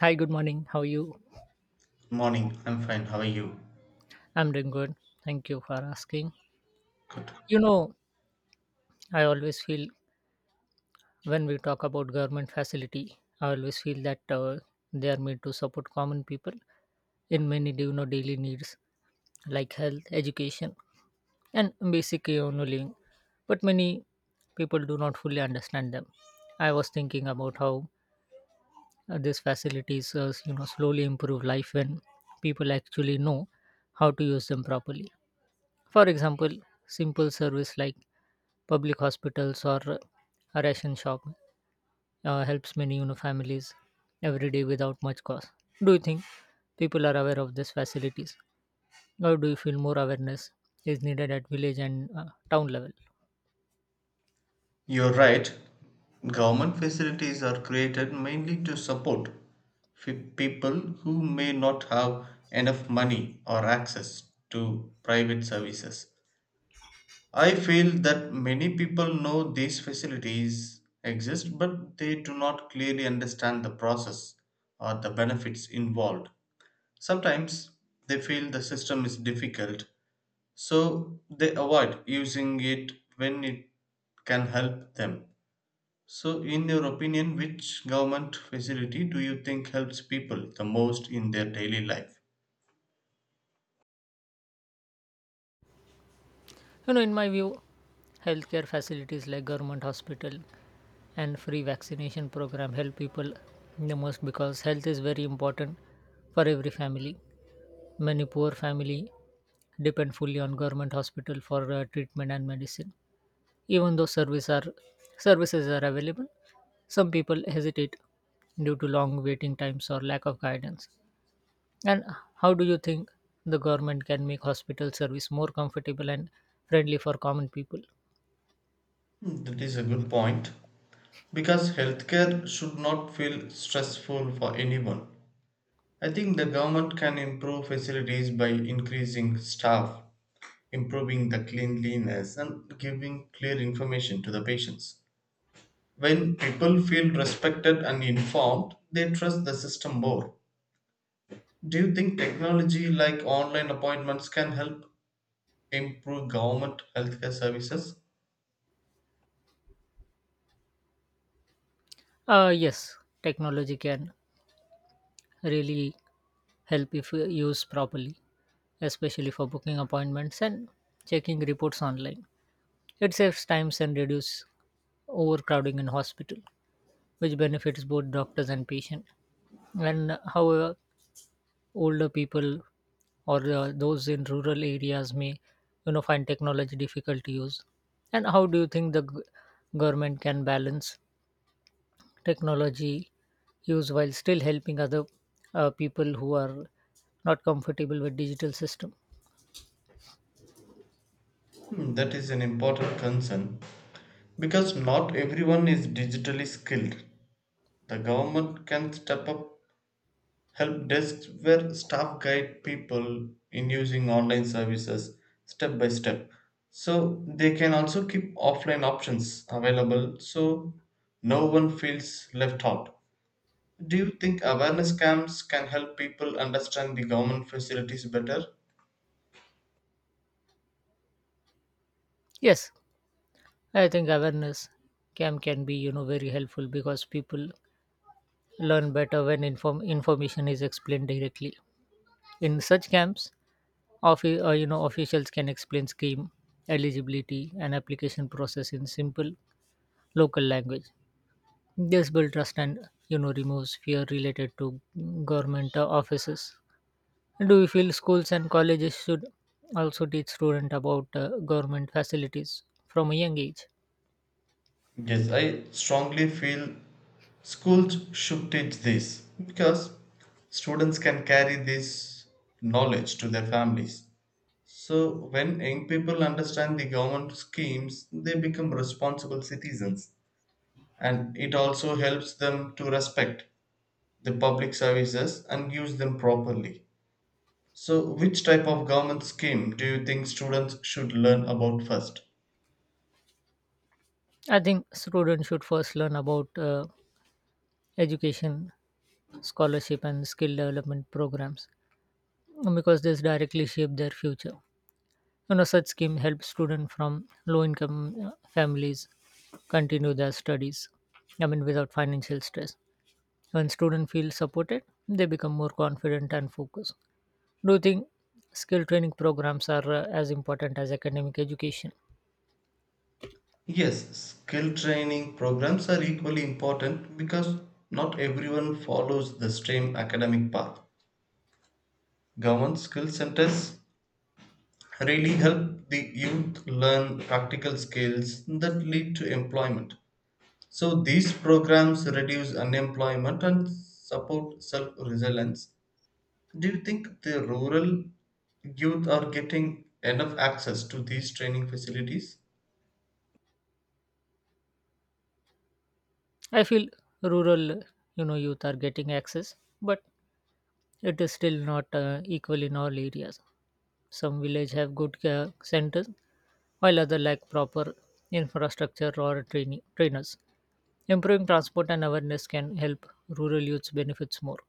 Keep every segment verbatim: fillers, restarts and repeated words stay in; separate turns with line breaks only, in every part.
Hi, good morning. How are you?
Morning, I'm fine. How are you?
I'm doing good. Thank you for asking. You know, I always feel when we talk about government facility, I always feel that uh, they are made to support common people in many you know daily needs like health, education, and basic you know living. But many people do not fully understand them. I was thinking about how uh, these facilities uh, you know slowly improve life when people actually know how to use them properly. For example, simple service like public hospitals or a ration shop uh, helps many you know families every day without much cost. Do you think people are aware of these facilities, or do you feel more awareness is needed at village and uh, town level?
You're right. Government facilities are created mainly to support fe- people who may not have enough money or access to private services. I feel that many people know these facilities exist, but they do not clearly understand the process or the benefits involved. Sometimes they feel the system is difficult, so they avoid using it when it can help them. So in your opinion, which government facility do you think helps people the most in their daily life?
You know, in my view, healthcare facilities like government hospital and free vaccination program help people the most because health is very important for every family. Many poor family depend fully on government hospital for uh, treatment and medicine, even though service are services are available, some people hesitate due to long waiting times or lack of guidance. And how do you think the government can make hospital service more comfortable and friendly for common people?
Hmm, that is a good point because healthcare should not feel stressful for anyone. I think the government can improve facilities by increasing staff, improving the cleanliness, and giving clear information to the patients. When people feel respected and informed, they trust the system more. Do you think technology like online appointments can help improve government healthcare services?
Uh, yes technology can really help if uh, used properly, especially for booking appointments and checking reports online. It saves times and reduces overcrowding in hospital, which benefits both doctors and patient. And uh, however, older people or uh, those in rural areas may, you know, find technology difficult to use. And how do you think the g- government can balance technology use while still helping other uh, people who are not comfortable with digital system?
Hmm, that is an important concern because not everyone is digitally skilled. The government can step up help desks where staff guide people in using online services step by step. So they can also keep offline options available so no one feels left out. Do you think awareness camps can help people understand the government facilities better?
Yes, I think awareness cam can be you know very helpful because people learn better when inform information is explained directly in such camps. Offi- uh, you know, officials can explain scheme eligibility and application process in simple local language. This builds trust and you know removes fear related to government uh, offices. Do you feel schools and colleges should also teach students about uh, government facilities from a young age?
Yes, I strongly feel schools should teach this because students can carry this knowledge to their families. So, when young people understand the government schemes, they become responsible citizens, and it also helps them to respect the public services and use them properly. So, which type of government scheme do you think students should learn about first?
I think students should first learn about uh, education, scholarship, and skill development programs because this directly shape their future. you know such scheme helps students from low income uh, families continue their studies, I mean without financial stress. When students feel supported, they become more confident and focused. Do you think skill training programs are uh, as important as academic education?
Yes, skill training programs are equally important because not everyone follows the same academic path. Government skill centers really help the youth learn practical skills that lead to employment. So, these programs reduce unemployment and support self resilience. Do you think the rural youth are getting enough access to these training facilities?
I feel rural uh, you know youth are getting access, but it is still not uh, equal in all areas. Some village have good uh, centers, while other lack proper infrastructure or training trainers. Improving transport and awareness can help rural youths benefits more.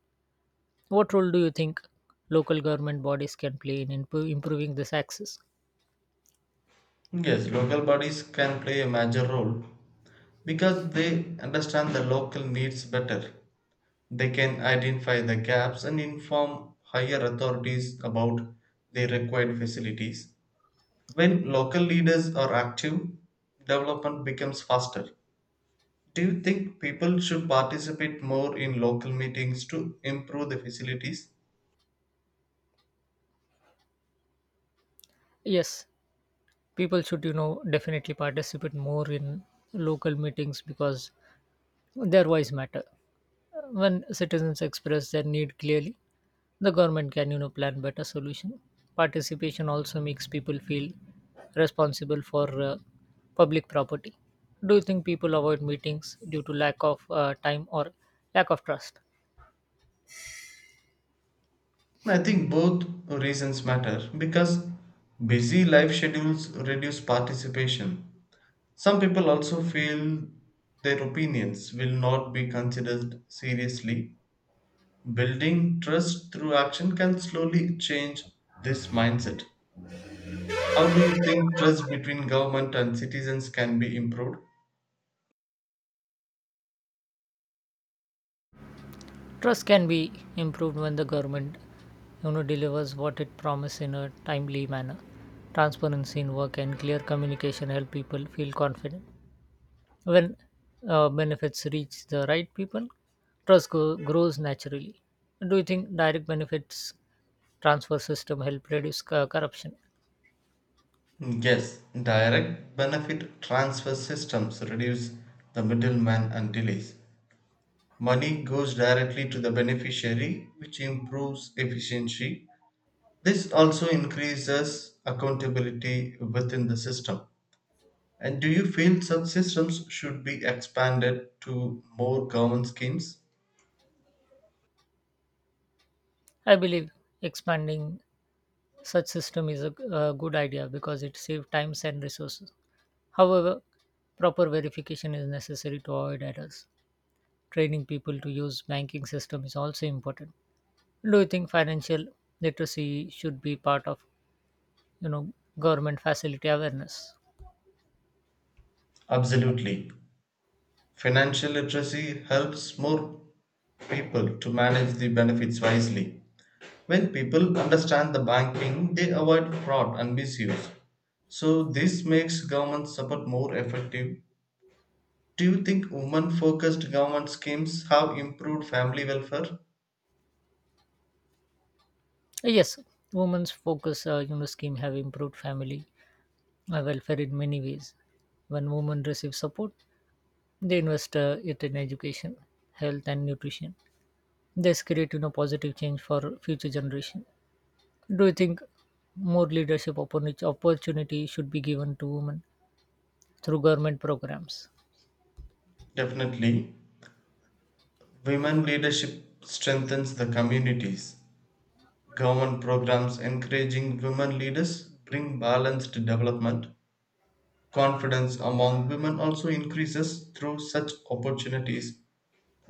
What role do you think local government bodies can play in impo- improving this access?
Yes, local bodies can play a major role because they understand the local needs better. They can identify the gaps and inform higher authorities about the required facilities. When local leaders are active, development becomes faster. Do you think people should participate more in local meetings to improve the facilities?
Yes, people should, you know, definitely participate more in local meetings because their voice matter. When citizens express their need clearly, the government can you know plan better solution. Participation also makes people feel responsible for uh, public property. Do you think people avoid meetings due to lack of uh, time or lack of trust?
I think both reasons matter because busy life schedules reduce participation. Some people also feel their opinions will not be considered seriously. Building trust through action can slowly change this mindset. How do you think trust between government and citizens can be improved?
Trust can be improved when the government you know delivers what it promised in a timely manner. Transparency in work and clear communication help people feel confident. When uh, benefits reach the right people, trust go- grows naturally. Do you think direct benefits transfer system help reduce co- corruption?
Yes, direct benefit transfer systems reduce the middleman and delays. Money goes directly to the beneficiary, which improves efficiency. This also increases accountability within the system. And do you feel such systems should be expanded to more government schemes?
I believe expanding such system is a a good idea because it saves times and resources. However, proper verification is necessary to avoid errors. Training people to use banking system is also important. Do you think financial literacy should be part of you know government facility awareness?
Absolutely. Financial literacy helps more people to manage the benefits wisely. When people understand the banking, they avoid fraud and misuse. So this makes government support more effective. Do you think women-focused government schemes have improved family welfare?
Yes, women's focus uh, you know, scheme have improved family uh, welfare in many ways. When women receive support, they invest uh, it in education, health, and nutrition. This create you know positive change for future generation. Do you think more leadership opportuni- opportunity should be given to women through government programs?
Definitely. Women leadership strengthens the communities. Government programs encouraging women leaders bring balanced development. Confidence among women also increases through such opportunities.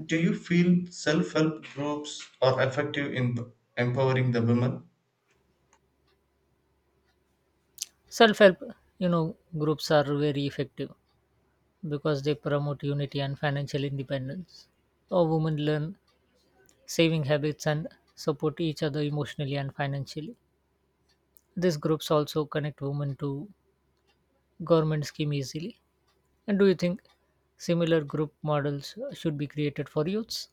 Do you feel self help groups are effective in empowering the women?
Self help you know, groups are very effective because they promote unity and financial independence. Or women learn saving habits and support each other emotionally and financially. These groups also connect women to government scheme easily. And do you think similar group models should be created for youths?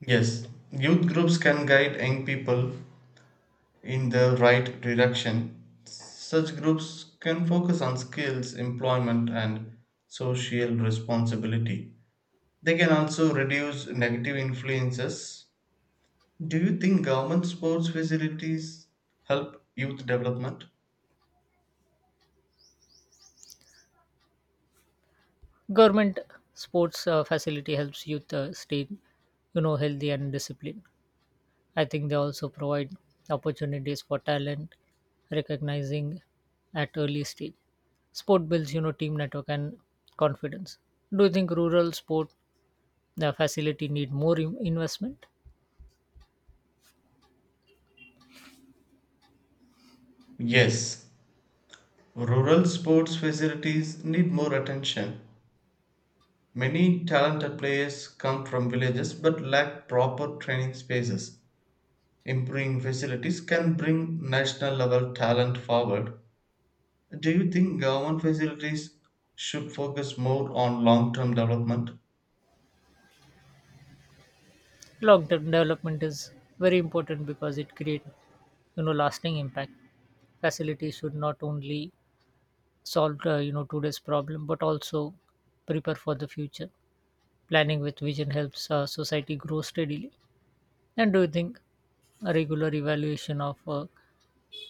Yes, youth groups can guide young people in the right direction. Such groups can focus on skills, employment, and social responsibility. They can also reduce negative influences. Do you think government sports facilities help youth development?
Government sports uh, facility helps youth uh, stay, you know, healthy and disciplined. I think they also provide opportunities for talent, recognizing at early stage. Sport builds you know, team network and confidence. Do you think rural sport the facility need more in- investment?
Yes, rural sports facilities need more attention. Many talented players come from villages but lack proper training spaces. Improving facilities can bring national level talent forward. Do you think government facilities should focus more on long term development?
Long term development is very important because it create you know lasting impact. Facility should not only solve uh, you know today's problem but also prepare for the future. Planning with vision helps uh, society grow steadily. And do you think a regular evaluation of a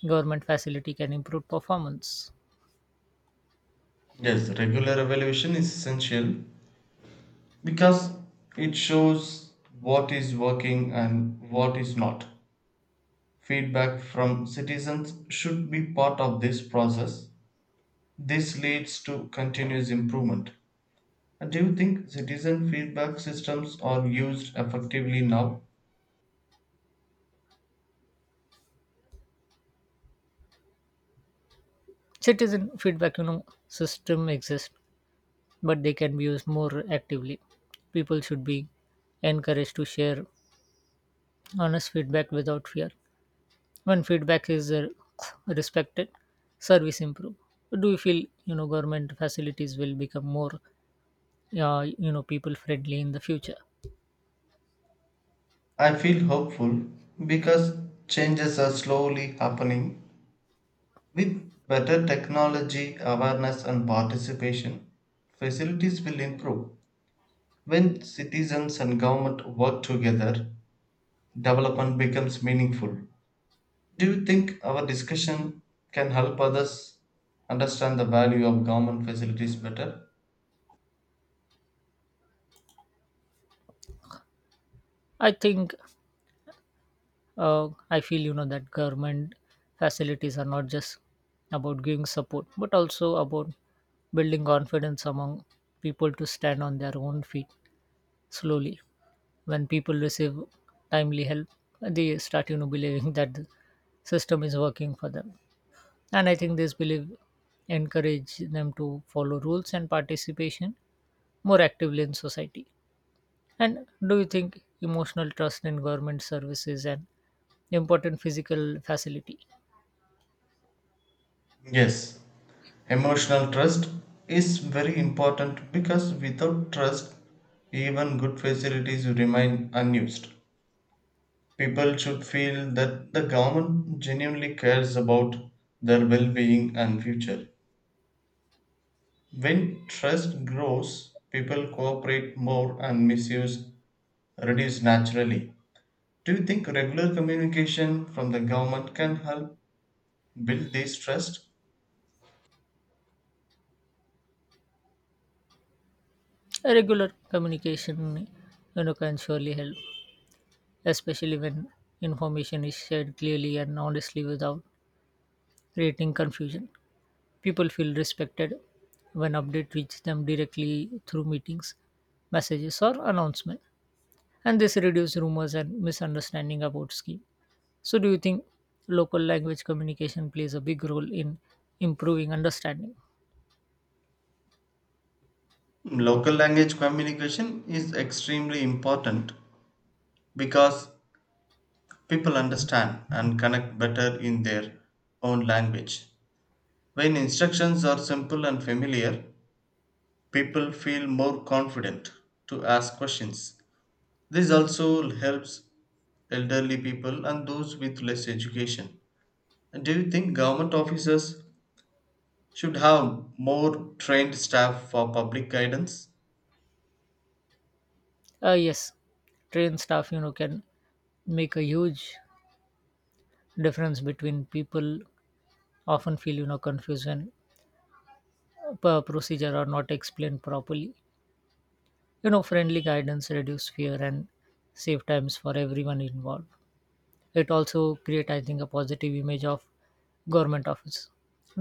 government facility can improve performance?
Yes, regular evaluation is essential because it shows what is working and what is not. Feedback from citizens should be part of this process. This leads to continuous improvement. And do you think citizen feedback systems are used effectively now?
Citizen feedback you know system exists, but they can be used more actively. People should be encouraged to share honest feedback without fear. When feedback is uh, respected, service improve. Do you feel you know government facilities will become more uh, you know people friendly in the future?
I feel hopeful because changes are slowly happening. With better technology, awareness, and participation, facilities will improve. When citizens and government work together, development becomes meaningful. Do you think our discussion can help others understand the value of government facilities better?
I think uh, I feel you know that government facilities are not just about giving support but also about building confidence among people to stand on their own feet slowly. When people receive timely help, they start you know believing that the system is working for them. And I think this belief encourage them to follow rules and participation more actively in society. And do you think emotional trust in government services and important physical facility?
Yes, emotional trust is very important because without trust, even good facilities remain unused. People should feel that the government genuinely cares about their well being and future. When trust grows, people cooperate more and misuse reduce naturally. Do you think regular communication from the government can help build this trust?
A regular communication you know can surely help, especially when information is shared clearly and honestly without creating confusion. People feel respected when update reach them directly through meetings, messages or announcement, and this reduces rumors and misunderstanding about scheme. So do you think local language communication plays a big role in improving understanding?
Local language communication is extremely important because people understand and connect better in their own language. When instructions are simple and familiar, people feel more confident to ask questions. This also helps elderly people and those with less education. Do you think government officers should have more trained staff for public guidance?
Uh, yes, trained staff you know can make a huge difference. Between people often feel you know confused when per procedure are not explained properly. You know friendly guidance reduce fear and save times for everyone involved. It also create, I think, a positive image of government office.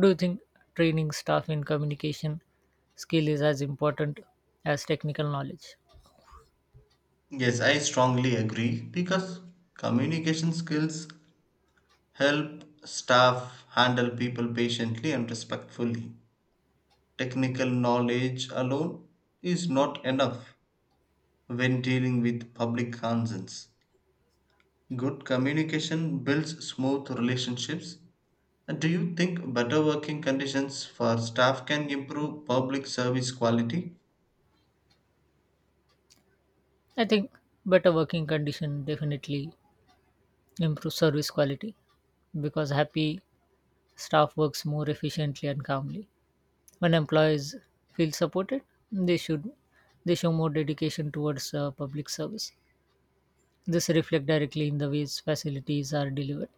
Do you think training staff in communication skill is as important as technical knowledge?
Yes, I strongly agree because communication skills help staff handle people patiently and respectfully. Technical knowledge alone is not enough when dealing with public concerns. Good communication builds smooth relationships. And do you think better working conditions for staff can improve public service quality?
I think better working condition definitely improves service quality because happy staff works more efficiently and calmly. When employees feel supported, they should they show more dedication towards uh, public service. This reflect directly in the ways facilities are delivered.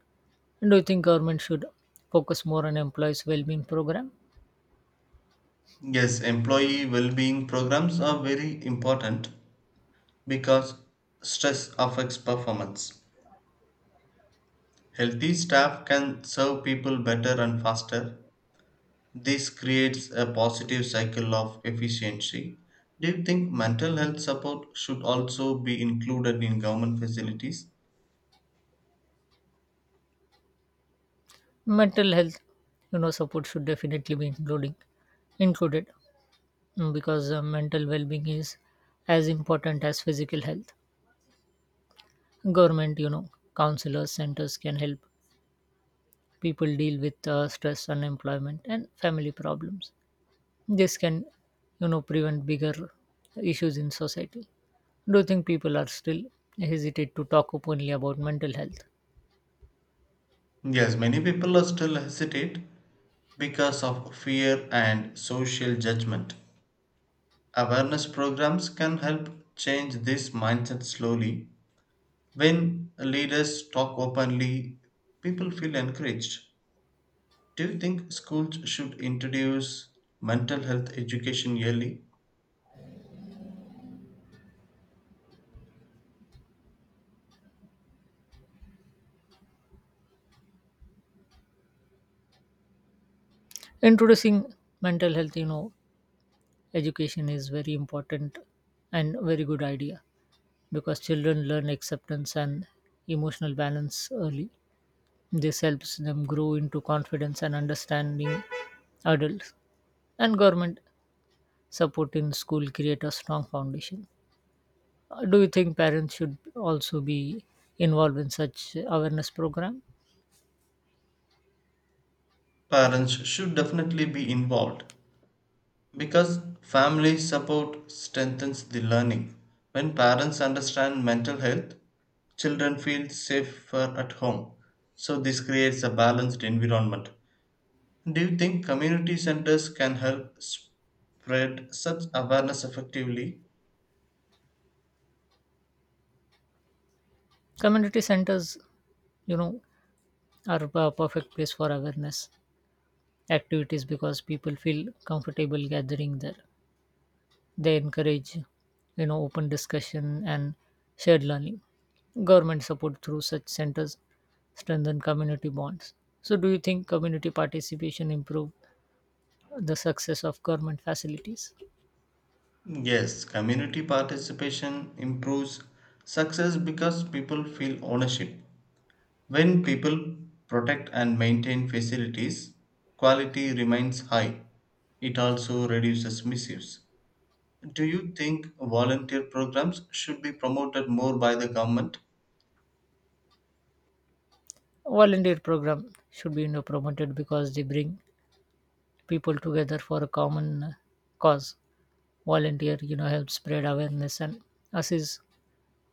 And do you think government should focus more on employees' well-being program?
Yes, employee well being programs are very important because stress affects performance. Healthy staff can serve people better and faster. This creates a positive cycle of efficiency. Do you think mental health support should also be included in government facilities?
Mental health you know, support should definitely be including included, mm, because uh, mental well-being is as important as physical health. Government you know, counselors, centers can help people deal with uh, stress, unemployment, and family problems. This can, you know, prevent bigger issues in society. Do you think people are still hesitate to talk openly about mental health?
Yes, many people are still hesitate because of fear and social judgment. Awareness programs can help change this mindset slowly. When leaders talk openly, people feel encouraged. Do you think schools should introduce mental health education yearly?
Introducing mental health you know, education is very important and very good idea because children learn acceptance and emotional balance early. This helps them grow into confidence and understanding adults, and government support in school create a strong foundation. Uh, do you think parents should also be involved in such awareness program?
Parents should definitely be involved because family support strengthens the learning. When parents understand mental health, children feel safer at home. So, this creates a balanced environment. Do you think community centers can help spread such awareness effectively?
Community centers you know are a perfect place for awareness activities because people feel comfortable gathering there. They encourage you know, open discussion and shared learning. Government support through such centers strengthen community bonds. So, do you think community participation improve the success of government facilities?
Yes, community participation improves success because people feel ownership. When people protect and maintain facilities, quality remains high. It also reduces misuse. Do you think volunteer programs should be promoted more by the government?
Volunteer program should be you know, promoted because they bring people together for a common uh, cause. Volunteer you know, help spread awareness and assist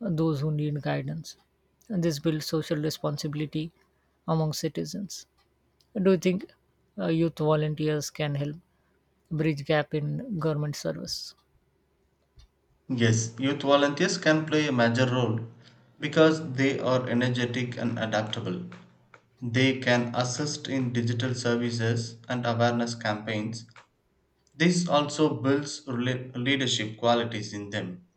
those who need guidance. And this builds social responsibility among citizens. Do you think uh, youth volunteers can help bridge gap in government service?
Yes, youth volunteers can play a major role because they are energetic and adaptable. They can assist in digital services and awareness campaigns. This also builds rela- leadership qualities in them.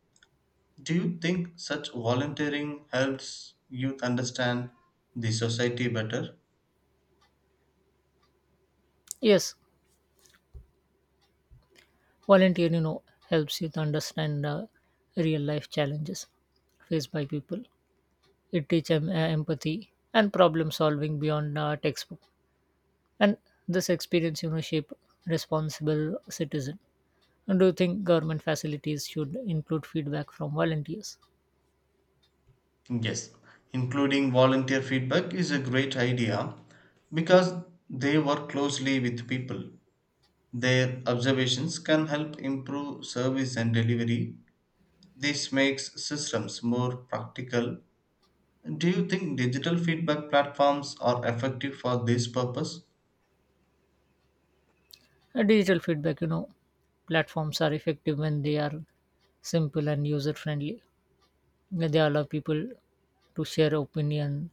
Do you think such volunteering helps youth understand the society better?
Yes, volunteer you know helps youth understand uh, real life challenges faced by people. It teaches em- uh, empathy and problem solving beyond uh, textbook, and this experience you know shape responsible citizen. And do you think government facilities should include feedback from volunteers?
Yes, including volunteer feedback is a great idea because they work closely with people. Their observations can help improve service and delivery. This makes systems more practical. Do you think digital feedback platforms are effective for this purpose?
Uh, digital feedback you know, platforms are effective when they are simple and user friendly. Yeah, they allow people to share opinion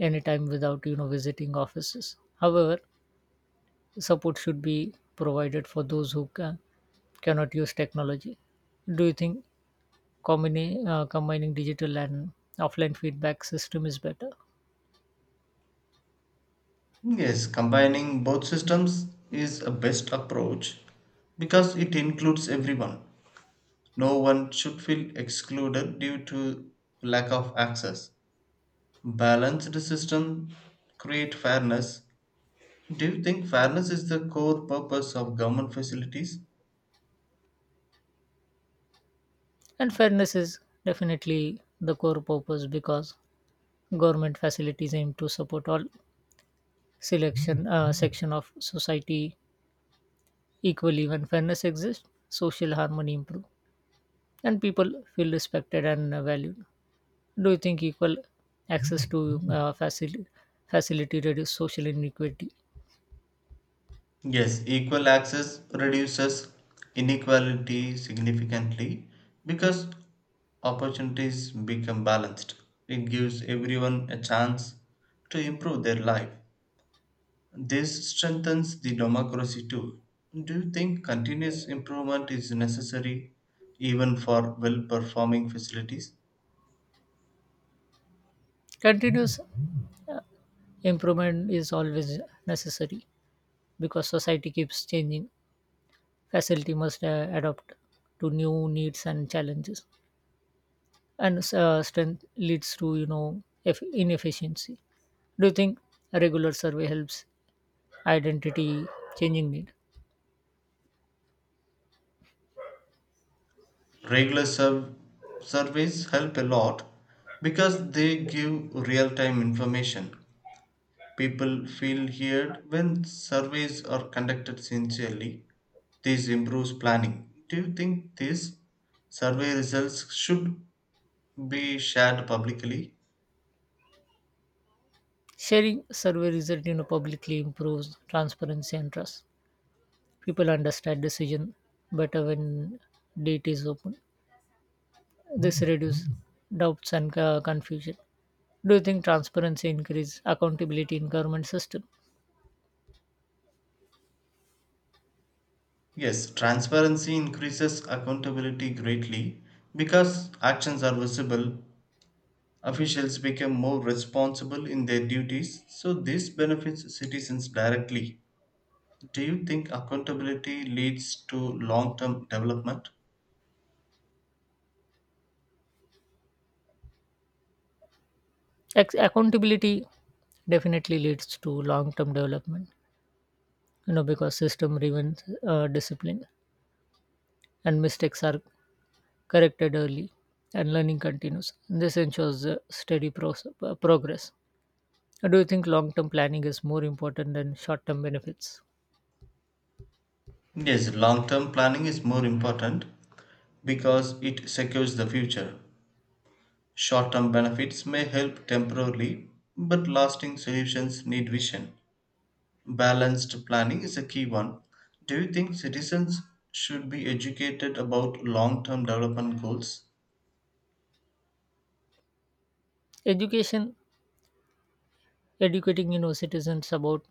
anytime without you know visiting offices. However, support should be provided for those who ca- cannot use technology. Do you think combini- uh, combining digital and offline feedback system is better?
Yes, combining both systems is a best approach because it includes everyone. No one should feel excluded due to lack of access. Balanced system create fairness. Do you think fairness is the core purpose of government facilities?
And fairness is definitely the core purpose because government facilities aim to support all selection uh, section of society equally. When fairness exists, social harmony improve, and people feel respected and uh, valued. Do you think equal access to uh, facil- facility reduce social inequity?
Yes, equal access reduces inequality significantly because opportunities become balanced. It gives everyone a chance to improve their life. This strengthens the democracy too. Do you think continuous improvement is necessary even for well performing facilities?
Continuous uh, improvement is always necessary because society keeps changing. Facility must uh, adapt to new needs and challenges, and uh, strength leads to you know eff- inefficiency. Do you think a regular survey helps identity changing need?
Regular serv- Surveys help a lot because they give real time information. People feel heard when surveys are conducted sincerely. This improves planning. Do you think these survey results should be shared publicly?
Sharing survey result you know publicly improves transparency and trust. People understand decision better when data is open. This reduces doubts and uh, confusion. Do you think transparency increases accountability in government system?
Yes, transparency increases accountability greatly because actions are visible. Officials become more responsible in their duties, so this benefits citizens directly. Do you think accountability leads to long term development?
Ac- accountability definitely leads to long-term development. You know because system driven uh, discipline and mistakes are corrected early, and learning continues. This ensures uh, steady pros- uh, progress. Do you think long term planning is more important than short term benefits?
Yes, long term planning is more important because it secures the future. Short term benefits may help temporarily, but lasting solutions need vision. Balanced planning is a key one. Do you think citizens should be educated about long term development goals?
Education Educating you know citizens about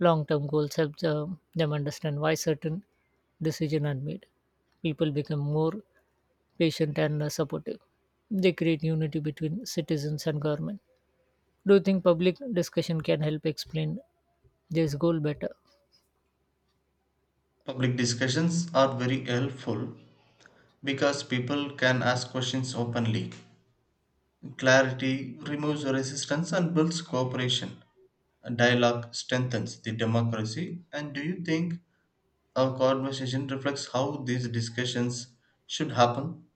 long-term goals helps uh, them understand why certain decisions are made. People become more patient and uh, supportive. They create unity between citizens and government. Do you think public discussion can help explain this goal better?
Public discussions are very helpful because people can ask questions openly. Clarity removes resistance and builds cooperation. Dialogue strengthens the democracy. And do you think our conversation reflects how these discussions should happen?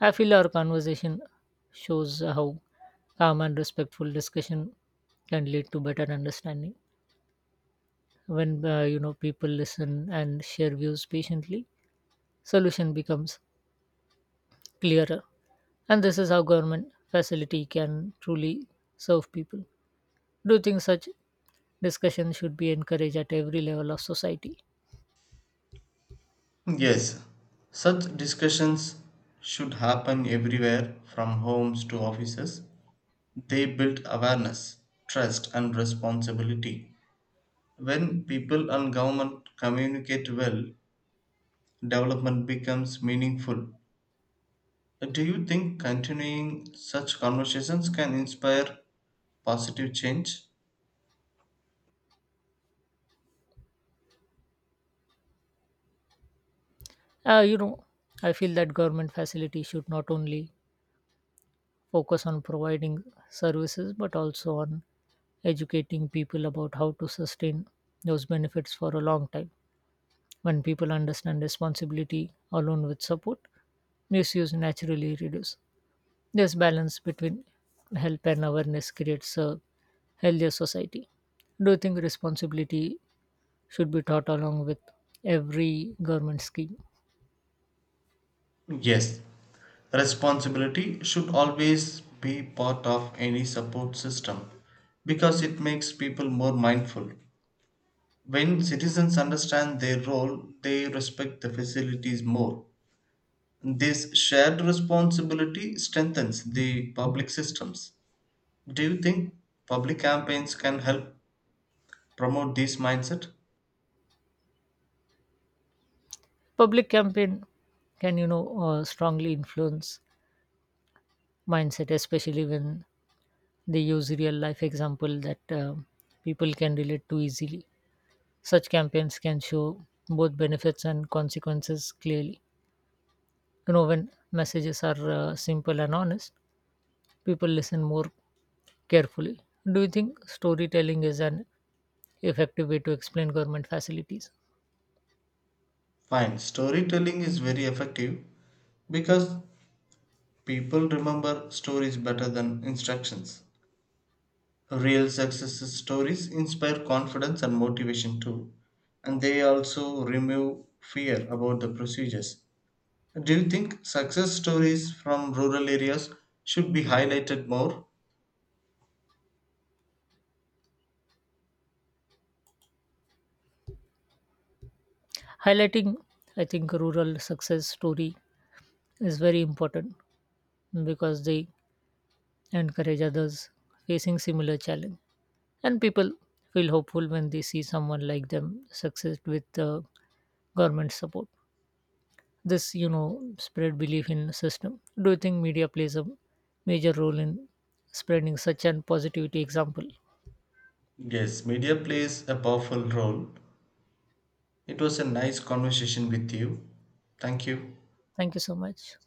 I feel our conversation shows how calm and respectful discussion can lead to better understanding. When uh, you know people listen and share views patiently, solution becomes clearer. And this is how government facility can truly serve people. Do you think such discussion should be encouraged at every level of society?
Yes, such discussions should happen everywhere from homes to offices. They build awareness, trust, and responsibility. When people and government communicate well, development becomes meaningful. Do you think continuing such conversations can inspire positive change?
Uh, you know, I feel that government facility should not only focus on providing services but also on educating people about how to sustain those benefits for a long time. When people understand responsibility along with support, misuse naturally reduce. This balance between help and awareness creates a healthier society. Do you think responsibility should be taught along with every government scheme?
Yes, responsibility should always be part of any support system because it makes people more mindful. When citizens understand their role, they respect the facilities more. This shared responsibility strengthens the public systems. Do you think public campaigns can help promote this mindset?
Public campaign can you know, uh, strongly influence mindset, especially when they use real life example that uh, people can relate to easily. Such campaigns can show both benefits and consequences clearly. You know, when messages are uh, simple and honest, people listen more carefully. Do you think storytelling is an effective way to explain government facilities?
Fine, storytelling is very effective because people remember stories better than instructions. Real success stories inspire confidence and motivation too, and they also remove fear about the procedures. Do you think success stories from rural areas should be highlighted more?
Highlighting, I think, rural success story is very important because they encourage others facing similar challenge, and people feel hopeful when they see someone like them succeed with uh, government support. This you know, spread belief in system. Do you think media plays a major role in spreading such an positivity example?
Yes, media plays a powerful role. It was a nice conversation with you. Thank you.
Thank you so much.